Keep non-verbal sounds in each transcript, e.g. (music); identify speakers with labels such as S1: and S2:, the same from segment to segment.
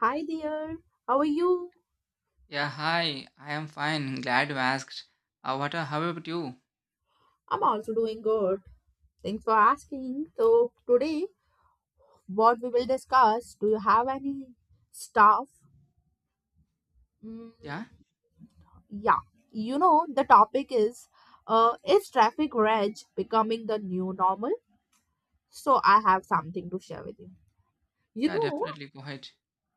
S1: Hi there, how are you?
S2: Yeah, hi. I am fine. Glad you asked. How about you?
S1: I'm also doing good. Thanks for asking. So, today, what we will discuss, do you have any stuff? Mm,
S2: Yeah,
S1: yeah, you know, the topic is is traffic rage becoming the new normal? So, I have something to share with you. You
S2: yeah,
S1: know,
S2: definitely. Go ahead.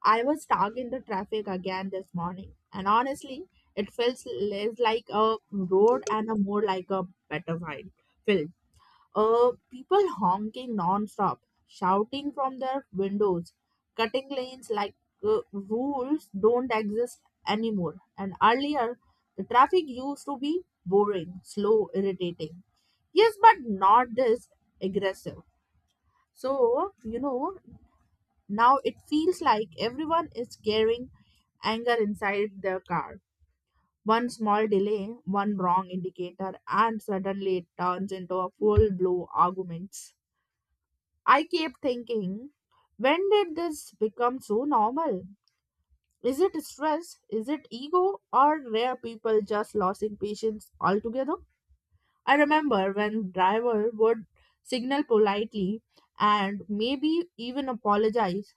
S1: I was stuck in the traffic again this morning, and honestly, it feels less like a road and a more like a battlefield. People honking non-stop, shouting from their windows, cutting lanes like rules don't exist anymore. And earlier, the traffic used to be boring, slow, irritating. Yes, but not this aggressive. So, you know, now it feels like everyone is carrying anger inside their car. One small delay, one wrong indicator, and suddenly it turns into a full blown argument. I kept thinking, when did this become so normal? Is it stress? Is it ego? Or rare people just losing patience altogether? I remember when driver would signal politely and maybe even apologize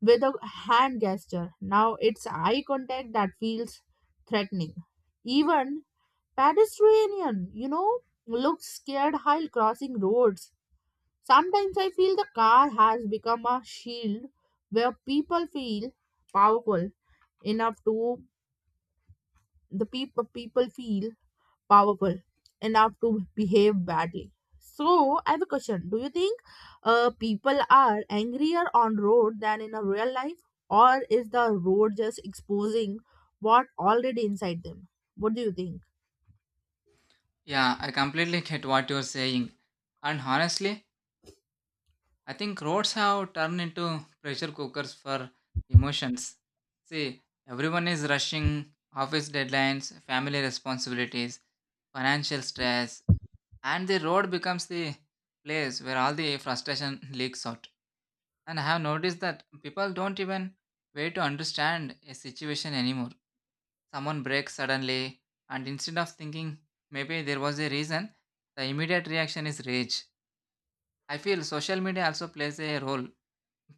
S1: with a hand gesture. Now it's eye contact that feels threatening. Even pedestrian, you know, looks scared while crossing roads. Sometimes I feel the car has become a shield where people feel powerful enough to the people feel powerful enough to behave badly. So I have a question. Do you think people are angrier on road than in a real life, or is the road just exposing what already inside them? What do you think?
S2: Yeah, I completely (laughs) get what you're saying. And honestly, I think roads have turned into pressure cookers for emotions. See, everyone is rushing, office deadlines, family responsibilities, financial stress, and the road becomes the place where all the frustration (laughs) leaks out. And I have noticed that people don't even wait to understand a situation anymore. Someone breaks suddenly, and instead of thinking maybe there was a reason, the immediate reaction is rage. I feel social media also plays a role.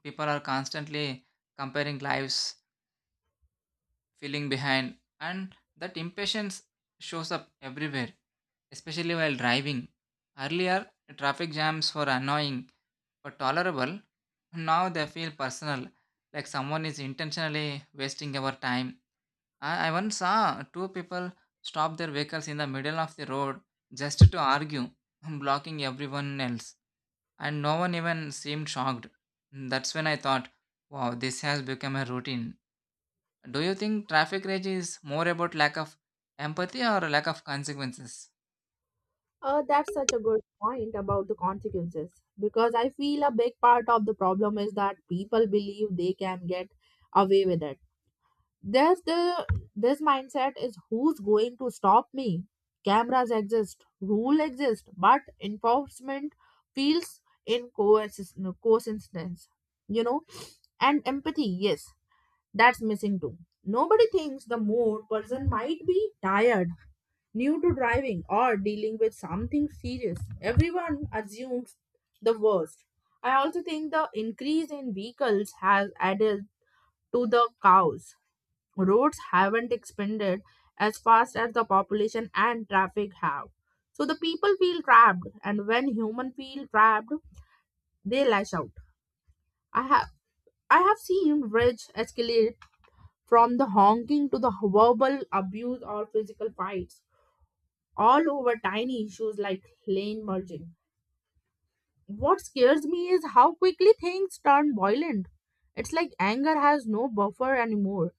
S2: People are constantly comparing lives, feeling behind, and that impatience shows up everywhere, especially while driving. Earlier, traffic jams were annoying but tolerable. Now they feel personal, like someone is intentionally wasting our time. I once saw two people stop their vehicles in the middle of the road just to argue, (laughs) blocking everyone else, and no one even seemed shocked. That's when I thought, wow, this has become a routine. Do you think traffic rage is more about lack of empathy or lack of consequences?
S1: That's such a good point about the consequences because I feel a big part of the problem is that people believe they can get away with it. There's the this mindset is who's going to stop me? Cameras exist, rule exist, but enforcement feels in coexistence. You know, and empathy, yes, that's missing too. Nobody thinks the more person might be tired, new to driving or dealing with something serious, everyone assumes the worst. I also think the increase in vehicles has added to the chaos. Roads haven't expanded as fast as the population and traffic have. So the people feel trapped, and when human feel trapped, they lash out. I have I have seen rage escalate from the honking to the verbal abuse or physical fights, all over tiny issues like lane merging. What scares me is how quickly things turn violent. It's like anger has no buffer anymore.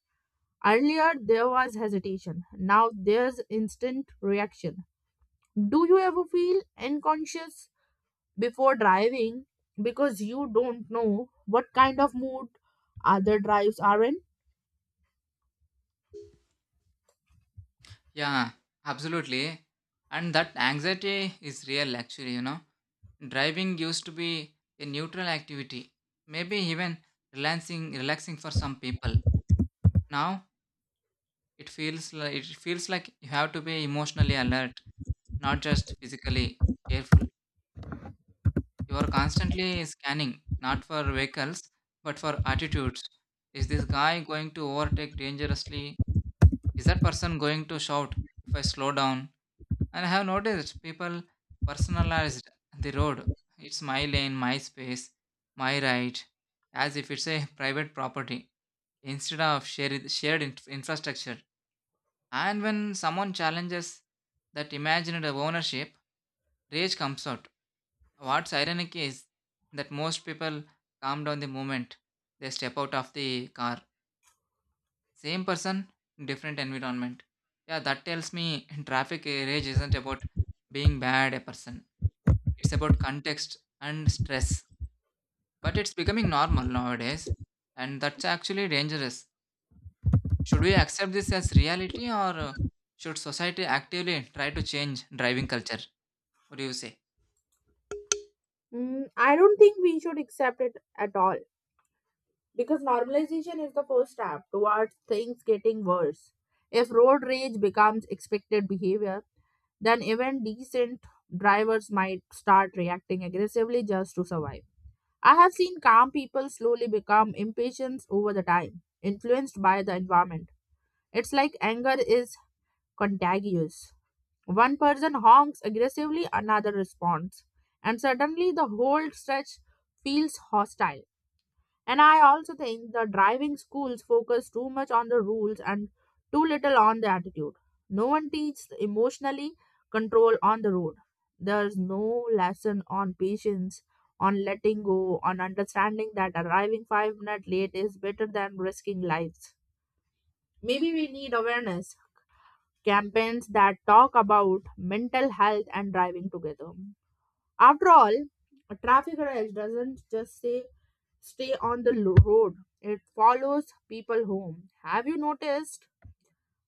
S1: Earlier there was hesitation, now there's instant reaction. Do you ever feel unconscious before driving because you don't know what kind of mood other drives are in?
S2: Yeah, absolutely. And that anxiety is real, actually, you know. Driving used to be a neutral activity, maybe even relaxing for some people. Now it feels like you have to be emotionally alert, not just physically careful. You are constantly scanning, not for vehicles, but for attitudes. Is this guy going to overtake dangerously? Is that person going to shout if I slow down? And I have noticed people personalized the road. It's my lane, my space, my right, as if it's a private property instead of infrastructure. And when someone challenges that imagined ownership, rage comes out. What's ironic is that most people calm down the moment they step out of the car. Same person, different environment. Yeah, that tells me (laughs) traffic rage isn't about being bad a person. It's about context and stress. But it's becoming normal nowadays, and that's actually dangerous. Should we accept this as reality, or should society actively try to change driving culture? What do you say?
S1: I don't think we should accept it at all. Because normalization is the first step towards things getting worse. If road rage becomes expected behavior, then even decent drivers might start reacting aggressively just to survive. I have seen calm people slowly become impatient over the time, influenced by the environment. It's like anger is contagious. One person honks aggressively, another responds, and suddenly the whole stretch feels hostile. And I also think the driving schools focus too much on the rules and too little on the attitude. No one teaches emotionally control on the road. There's no lesson on patience, on letting go, on understanding that arriving 5 minutes late is better than risking lives. Maybe we need awareness campaigns that talk about mental health and driving together. After all, a traffic arrest doesn't just say stay on the road, it follows people home. Have you noticed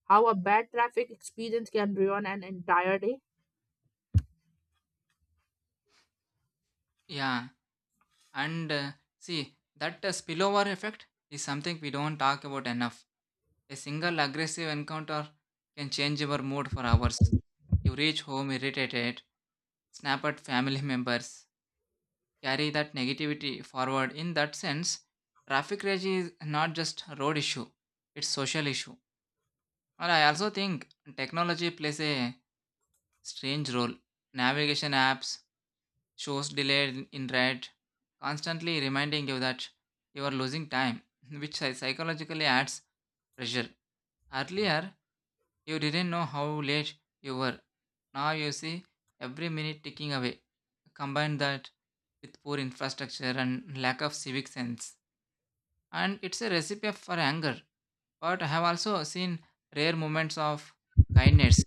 S1: how a bad traffic experience can ruin an entire day?
S2: Yeah, And see, that spillover effect is something we don't talk about enough. A single aggressive encounter can change your mood for hours. You reach home irritated, snap at family members, carry that negativity forward. In that sense, traffic rage is not just a road issue, it's social issue. And I also think technology plays a strange role. Navigation apps, shows delayed in red, constantly reminding you that you are losing time, (laughs) which psychologically adds pressure. Earlier, you didn't know how late you were. Now you see every minute ticking away. Combine that with poor infrastructure and lack of civic sense. And it's a recipe for anger. But I have also seen rare moments of kindness.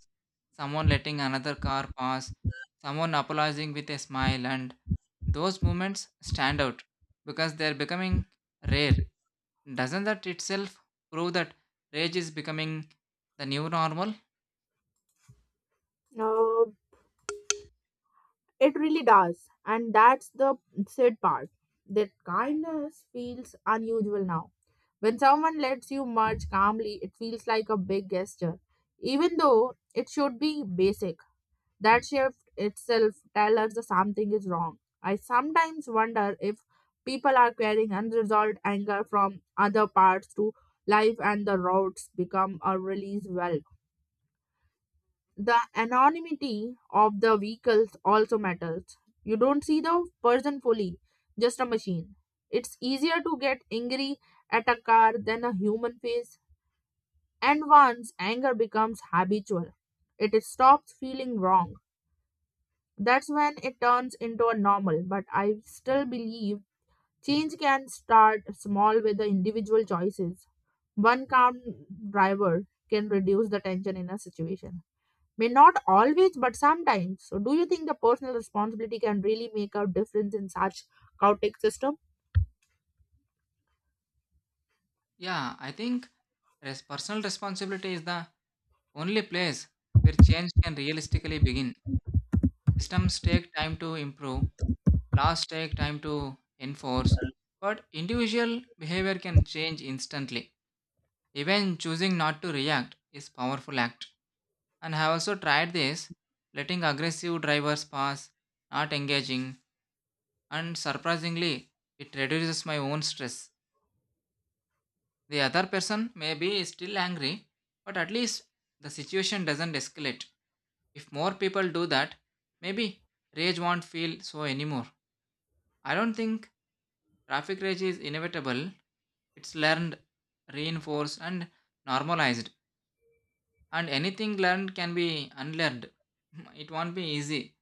S2: Someone letting another car pass, someone apologizing with a smile, and those moments stand out because they are becoming rare. Doesn't that itself prove that rage is becoming the new normal?
S1: Uh, it really does, and that's the sad part. That kindness feels unusual now. When someone lets you merge calmly, it feels like a big gesture, even though it should be basic. That shift itself tells us that something is wrong. I sometimes wonder if people are carrying unresolved anger from other parts to life and the roads become a release valve. The anonymity of the vehicles also matters. You don't see the person fully, just a machine. It's easier to get angry at a car than a human face. And once anger becomes habitual, it stops feeling wrong. That's when it turns into a normal, but I still believe change can start small with the individual choices. One calm driver can reduce the tension in a situation. May not always, but sometimes. So, do you think the personal responsibility can really make a difference in such chaotic system?
S2: I think personal responsibility is the only place where change can realistically begin. Systems take time to improve, laws take time to enforce, but individual behavior can change instantly. Even choosing not to react is powerful act. And I have also tried this, letting aggressive drivers pass, not engaging, and surprisingly, it reduces my own stress. The other person may be still angry, but at least the situation doesn't escalate. If more people do that, maybe rage won't feel so anymore. I don't think traffic rage is inevitable, it's learned, reinforced, and normalized. And anything learned can be unlearned. (laughs) It won't be easy.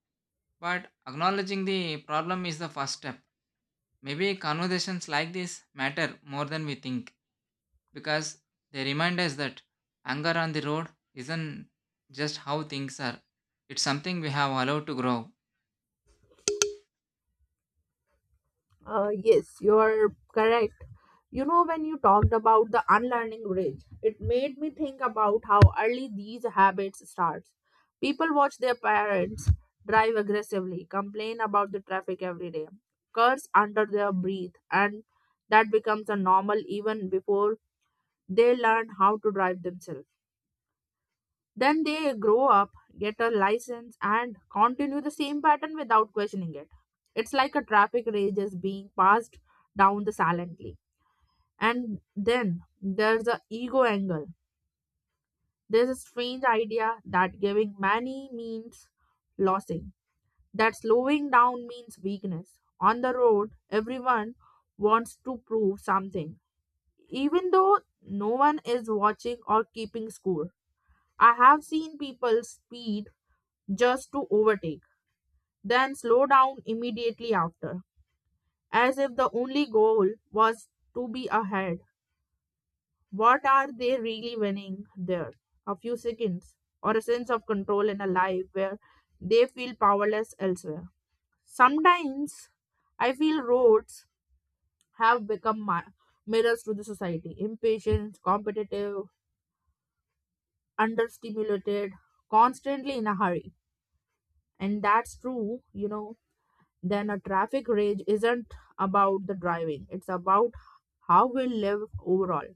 S2: But acknowledging the problem is the first step. Maybe conversations like this matter more than we think because they remind us that anger on the road isn't just how things are, it's something we have allowed to grow.
S1: Yes, you're correct. You know, when you talked about the unlearning bridge, it made me think about how early these habits start. People watch their parents drive aggressively, complain about the traffic every day, curse under their breath, and that becomes a normal even before they learn how to drive themselves. Then they grow up, get a license, and continue the same pattern without questioning it. It's like a traffic rage is being passed down the silently. And then there's the ego angle. There's a strange idea that giving money means losing, that slowing down means weakness. On the road, everyone wants to prove something, even though no one is watching or keeping score. I have seen people speed just to overtake, then slow down immediately after, as if the only goal was to be ahead. What are they really winning there? A few seconds, or a sense of control in a life where they feel powerless elsewhere. Sometimes I feel roads have become mirrors to the society impatient, competitive, understimulated, constantly in a hurry. And that's true, you know, then a traffic rage isn't about the driving, it's about how we live overall.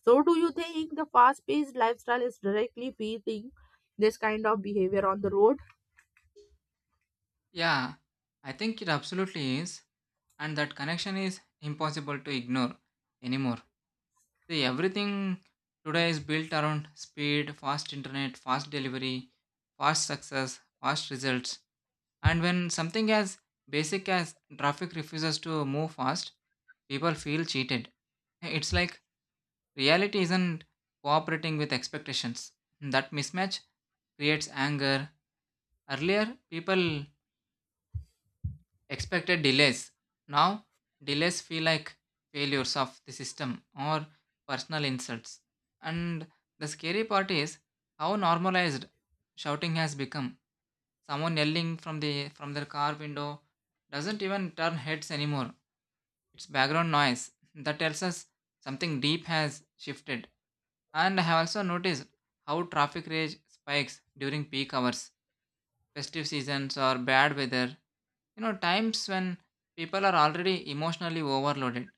S1: So do you think the fast paced lifestyle is directly feeding this kind of behavior on the road?
S2: Yeah, I think it absolutely is, and that connection is impossible to ignore anymore. See, everything today is built around speed, fast internet, fast delivery, fast success, fast results. And when something as basic as traffic refuses to move fast, people feel cheated. It's like reality isn't cooperating with expectations. That mismatch creates anger. Earlier, people expected delays. Now, delays feel like failures of the system or personal insults. And the scary part is how normalized shouting has become. Someone yelling from their car window doesn't even turn heads anymore. It's background noise that tells us something deep has shifted. And I have also noticed how traffic rage spikes during peak hours, festive seasons or bad weather, you know, times when people are already emotionally overloaded,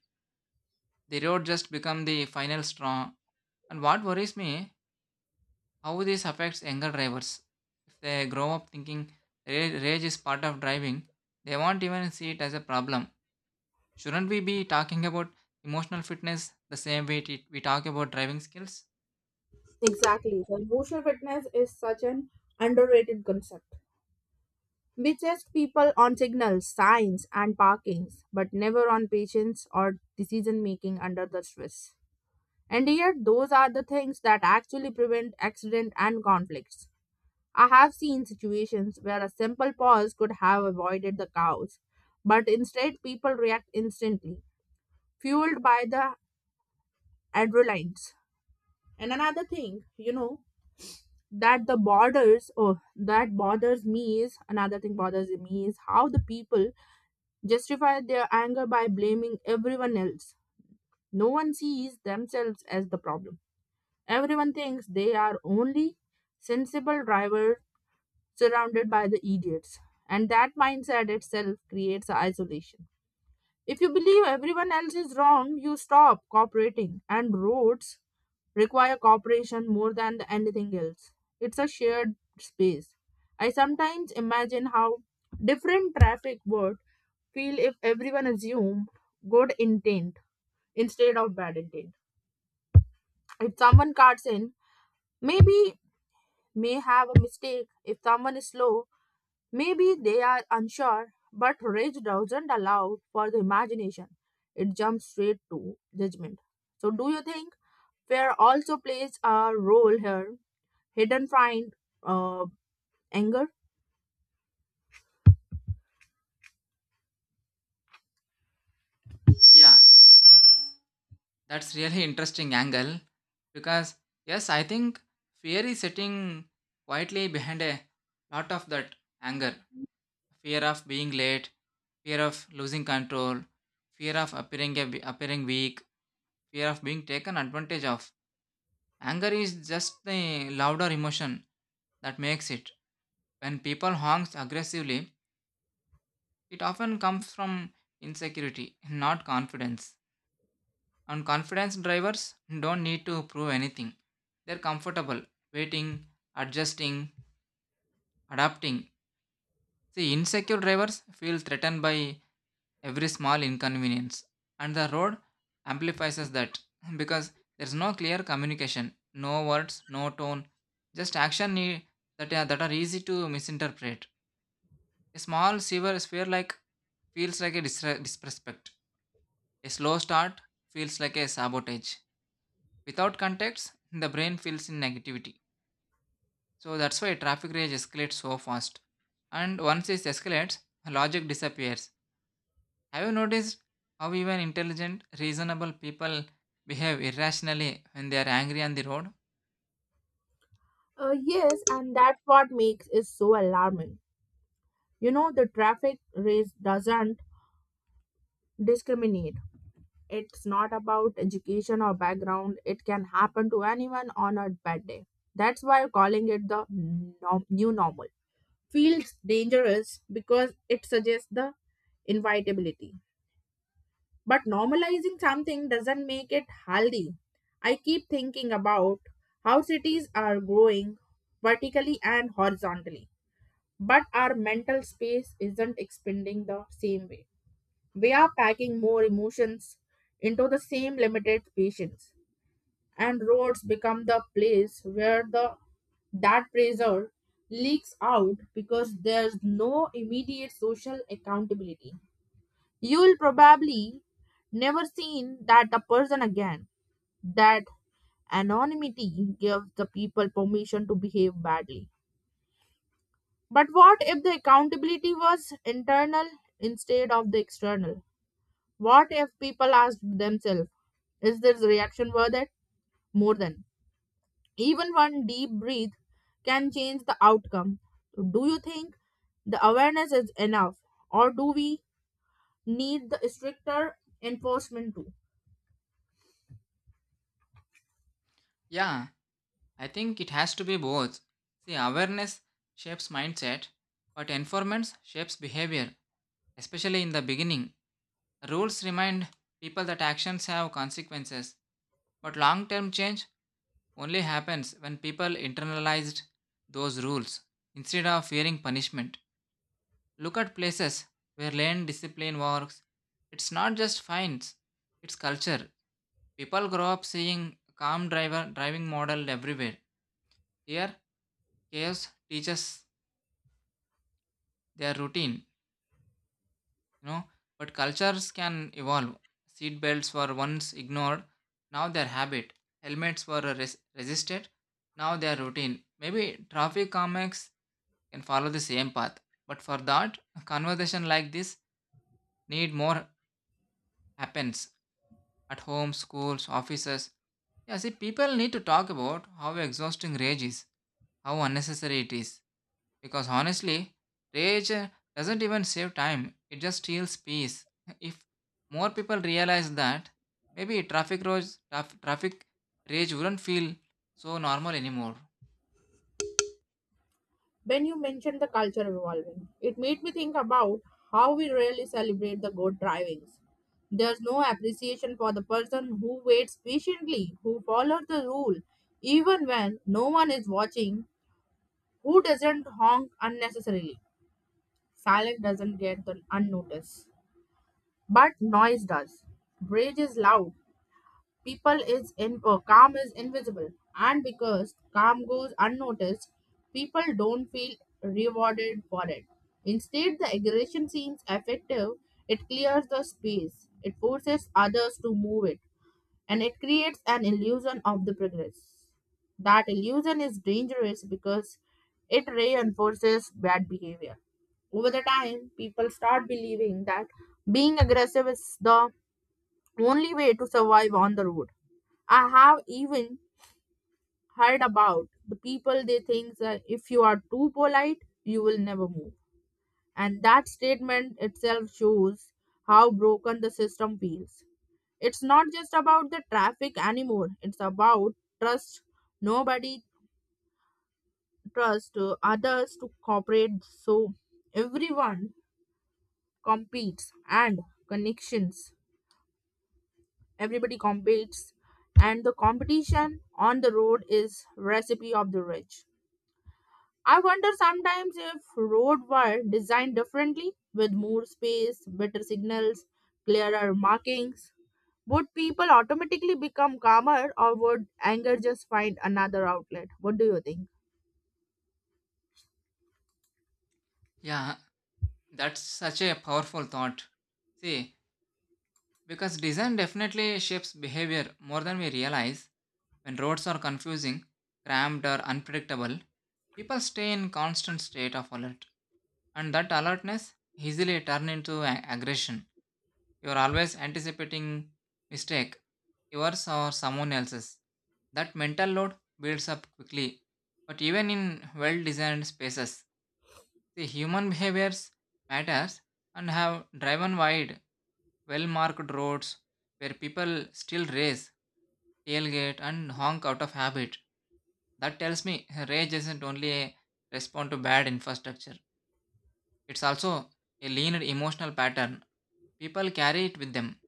S2: the road just become the final straw. And what worries me, how this affects younger drivers. If they grow up thinking rage is part of driving, they won't even see it as a problem. Shouldn't we be talking about emotional fitness the same way we talk about driving skills?
S1: Exactly. The emotional fitness is such an underrated concept. We test people on signals, signs and parkings but never on patience or decision making under the stress, and yet those are the things that actually prevent accident and conflicts. I have seen situations where a simple pause could have avoided the chaos, but instead people react instantly, fueled by the adrenalines. And another thing, you know, that the borders oh that bothers me is another thing bothers me is how the people justify their anger by blaming everyone else. No one sees themselves as the problem. Everyone thinks they are only sensible driver surrounded by the idiots. And that mindset itself creates isolation. If you believe everyone else is wrong, you stop cooperating, and roads require cooperation more than the anything else. It's a shared space. I sometimes imagine how different traffic would feel if everyone assumed good intent instead of bad intent. If someone cuts in, maybe may have a mistake. If someone is slow, maybe they are unsure, but rage doesn't allow for the imagination. It jumps straight to judgment. So, do you think fear also plays a role here? Hidden find uh, anger?
S2: Yeah, that's really (laughs) interesting angle because yes, I think fear is sitting quietly behind a lot of that anger. Fear of being late, fear of losing control, fear of appearing weak, fear of being taken advantage of. Anger is just the louder emotion that makes it. When people honks aggressively, it often comes from insecurity, not confidence. And confidence drivers don't need to prove anything. They're comfortable, waiting, adjusting, adapting. See, insecure drivers feel threatened by every small inconvenience. And the road amplifies that (laughs) because there's no clear communication, no words, no tone, just action need that are easy to misinterpret. A small silver sphere like feels like a disrespect. A slow start feels like a sabotage. Without context, the brain feels in negativity. So that's why traffic rage escalates so fast. And once it escalates, logic disappears. Have you noticed how even intelligent, reasonable people behave irrationally when they are angry on the road?
S1: Yes, and that's what makes it so alarming. You know, the traffic race doesn't discriminate. It's not about education or background. It can happen to anyone on a bad day. That's why calling it the new normal feels dangerous because it suggests the inevitability. But normalizing something doesn't make it healthy. I keep thinking about how cities are growing vertically and horizontally, but our mental space isn't expanding the same way. We are packing more emotions into the same limited patience and roads become the place where the that pressure leaks out because there's no immediate social accountability. You'll probably never seen that a person again. That anonymity gives the people permission to behave badly. But what if the accountability was internal instead of the external? What if people asked themselves, is this reaction worth it? More than. Even one deep breath can change the outcome. So, do you think the awareness is enough, or do we need the stricter enforcement too?
S2: Yeah, I think it has to be both. See, awareness shapes mindset, but enforcement shapes behavior, especially in the beginning. Rules remind people that actions have consequences, but long term change only happens when people internalized those rules instead of fearing punishment. Look at places where land discipline works. It's not just fines, it's culture. People grow up seeing calm driver driving model everywhere. Here, chaos teaches their routine, you know, but cultures can evolve. Seat belts were once ignored, now they're habit. Helmets were resisted, now they're routine. Maybe traffic comics can follow the same path. But for that, a conversation like this need more happens at home, schools, offices. Yeah, see, people need to talk about how exhausting rage is, how unnecessary it is. Because honestly, rage doesn't even save time, it just steals peace. (laughs) If more people realize that, maybe traffic rage wouldn't feel so normal anymore.
S1: When you mentioned the culture evolving, it made me think about how we rarely celebrate the good drivings. There's no appreciation for the person who waits patiently, who follows the rule, even when no one is watching, who doesn't honk unnecessarily. Silence doesn't get the unnoticed. But noise does. Rage is loud. People is in calm is invisible, and because calm goes unnoticed, people don't feel rewarded for it. Instead, the aggression seems effective. It clears the space. It forces others to move it, and it creates an illusion of the progress. That illusion is dangerous because it reinforces bad behavior over the time people start believing that being aggressive is the only way to survive on the road. I have even heard about the people they think that if you are too polite, you will never move. And that statement itself shows how broken the system feels. It's not just about the traffic anymore, it's about trust. Nobody trusts others to cooperate, so everyone competes and connections everybody competes and the competition on the road is recipe of the rich. I wonder sometimes if road were designed differently with more space, better signals, clearer markings, would people automatically become calmer or would anger just find another outlet? What do you think?
S2: Yeah, that's such a powerful thought. See, because design definitely shapes behavior more than we realize. When roads are confusing, cramped, or unpredictable, people stay in constant state of alert, and that alertness easily turn into aggression. You are always anticipating mistake, yours or someone else's. That mental load builds up quickly. But even in well designed spaces, the human behaviors matters, and have driven wide, well marked roads where people still race, tailgate and honk out of habit. That tells me rage isn't only a response to bad infrastructure. It's also a lean emotional pattern. People carry it with them.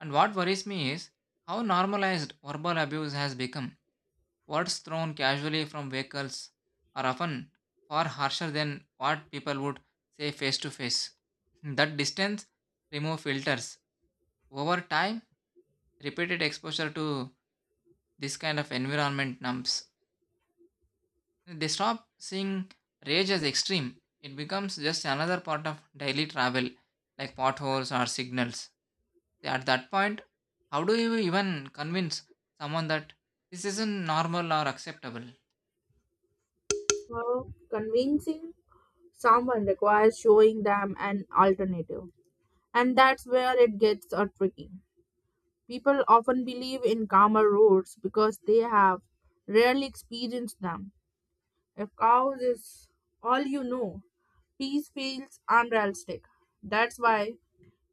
S2: And what worries me is how normalized verbal abuse has become. Words thrown casually from vehicles are often far harsher than what people would say face to face. (laughs) That distance removes filters. Over time, repeated exposure to this kind of environment numbs. They stop seeing rage as extreme. It becomes just another part of daily travel, like potholes or signals. At that point, how do you even convince someone that this isn't normal or acceptable?
S1: Well, convincing someone requires showing them an alternative and that's where it gets tricky. People often believe in karma roads because they have rarely experienced them. If cows is all you know, peace feels unrealistic. That's why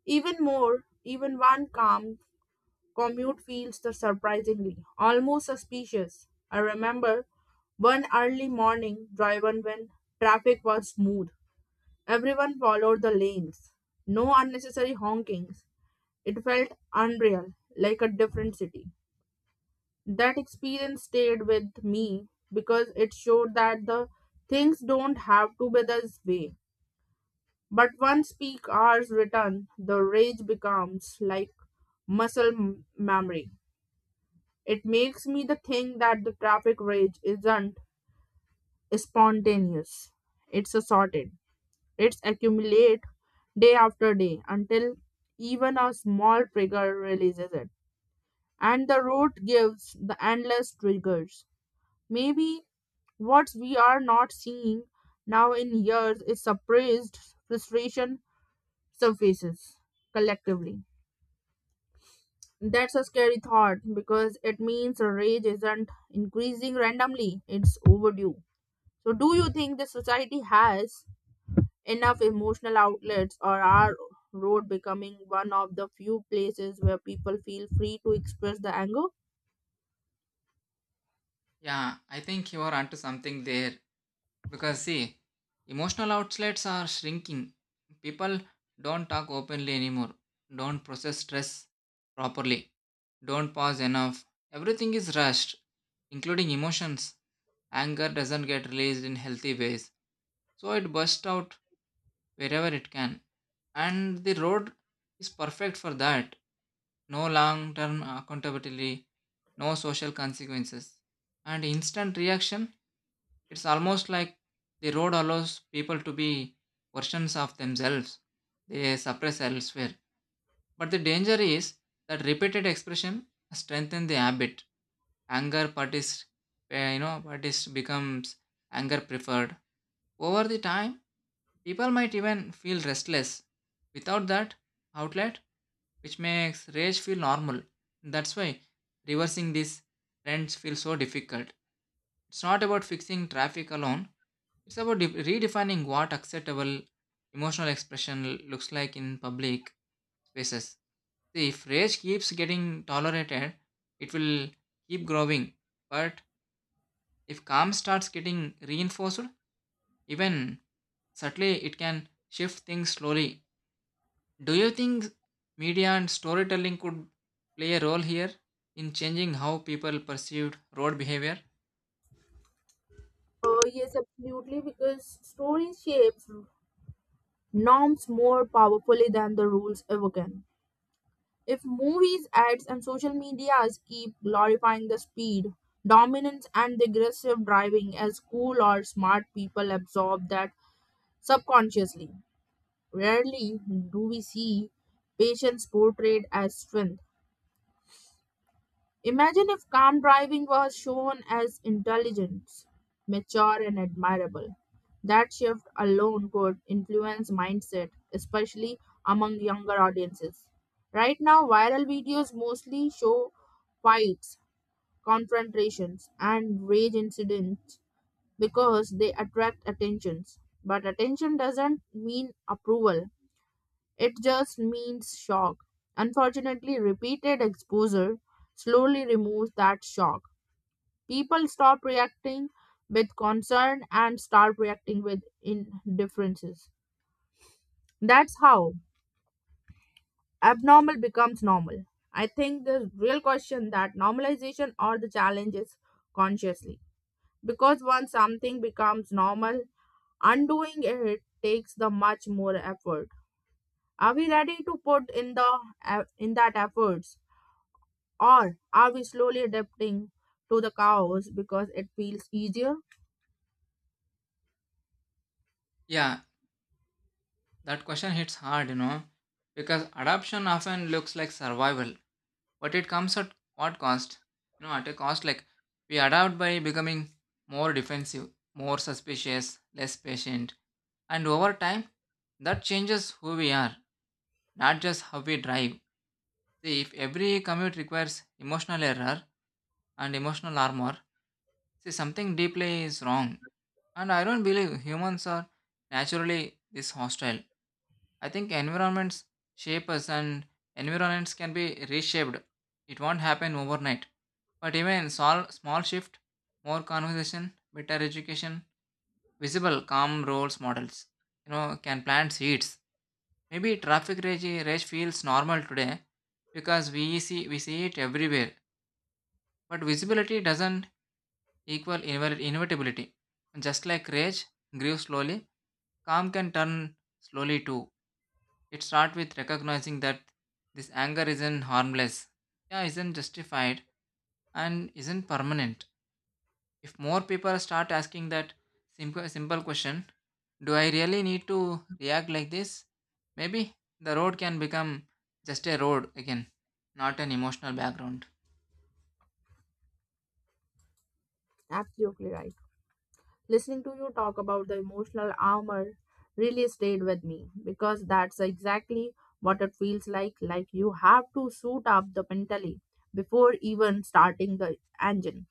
S1: even more, even one calm commute feels the surprisingly, almost suspicious. I remember one early morning driven when traffic was smooth. Everyone followed the lanes. No unnecessary honkings. It felt unreal, like a different city. That experience stayed with me because it showed that the things don't have to be this way. But once peak hours return, the rage becomes like muscle memory. It makes me the think that the traffic rage isn't spontaneous. It's assorted. It's accumulate day after day until even a small trigger releases it. And the road gives the endless triggers. Maybe what we are not seeing now in years is suppressed frustration surfaces collectively. That's a scary thought because it means rage isn't increasing randomly, it's overdue. So, do you think the society has enough emotional outlets, or are road becoming one of the few places where people feel free to express the anger?
S2: Yeah, I think you are onto something there. Because, see, emotional outlets are shrinking. People don't talk openly anymore, don't process stress properly, don't pause enough. Everything is rushed, including emotions. Anger doesn't get released in healthy ways, so it bursts out wherever it can. And the road is perfect for that. No long term accountability, no social consequences. And instant reaction, it's almost like the road allows people to be versions of themselves they suppress elsewhere. But the danger is that repeated expression strengthens the habit. Anger partis, you know, partis becomes anger preferred. Over the time, people might even feel restless without that outlet, which makes rage feel normal. That's why reversing these trends feels so difficult. It's not about fixing traffic alone, it's about redefining what acceptable emotional expression looks like in public spaces. See, if rage keeps getting tolerated, it will keep growing. But if calm starts getting reinforced, even subtly, it can shift things slowly. Do you think media and storytelling could play a role here in changing how people perceived road behavior?
S1: Yes, absolutely, because stories shapes norms more powerfully than the rules ever can. If movies, ads, and social medias keep glorifying the speed, dominance, and the aggressive driving as cool or smart, people absorb that subconsciously, rarely do we see patience portrayed as strength. Imagine if calm driving was shown as intelligence, mature, and admirable. That shift alone could influence mindset, especially among younger audiences. Right now, viral videos mostly show fights, confrontations, and rage incidents because they attract attentions. But attention doesn't mean approval. It just means shock. Unfortunately, repeated exposure slowly removes that shock. People stop reacting with concern and start reacting with indifferences. That's how abnormal becomes normal. I think the real question that normalization or the challenge is consciously. Because once something becomes normal, undoing it takes the much more effort. Are we ready to put in the in that efforts? Or are we slowly adapting to the chaos because it feels easier?
S2: Yeah, that question hits hard, you know, because adoption often looks like survival, but it comes at what cost? You know, at a cost like we adapt by becoming more defensive, more suspicious, less patient, and over time, that changes who we are, not just how we drive. See, if every commute requires emotional error and emotional armor, see, something deeply is wrong. And I don't believe humans are naturally this hostile. I think environments shape us and environments can be reshaped. It won't happen overnight. But even small shift, more conversation, better education, visible calm roles models, you know, can plant seeds. Maybe rage feels normal today because we see it everywhere. But visibility doesn't equal inevitability. Just like rage grew slowly, calm can turn slowly too. It starts with recognizing that this anger isn't harmless, yeah, isn't justified, and isn't permanent. If more people start asking that simple question, do I really need to react like this? Maybe the road can become just a road again, not an emotional background.
S1: Absolutely right. Listening to you talk about the emotional armor really stayed with me because that's exactly what it feels like. Like you have to suit up the mentally before even starting the engine.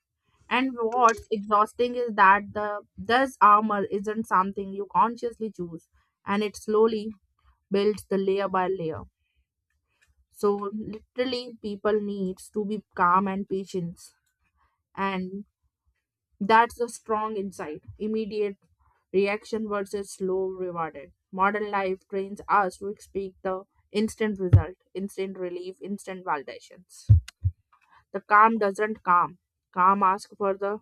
S1: And what's exhausting is that the this armor isn't something you consciously choose and it slowly builds the layer by layer. So literally, people needs to be calm and patience, and that's the strong insight. Immediate reaction versus slow rewarded. Modern life trains us to expect the instant result, instant relief, instant validations. The calm doesn't calm. Calm asks for the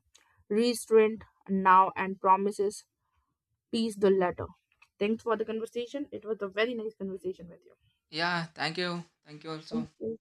S1: restraint now and promises peace the latter. Thanks for the conversation. It was a very nice conversation with you.
S2: Yeah, thank you. Thank you also.
S1: Thank you.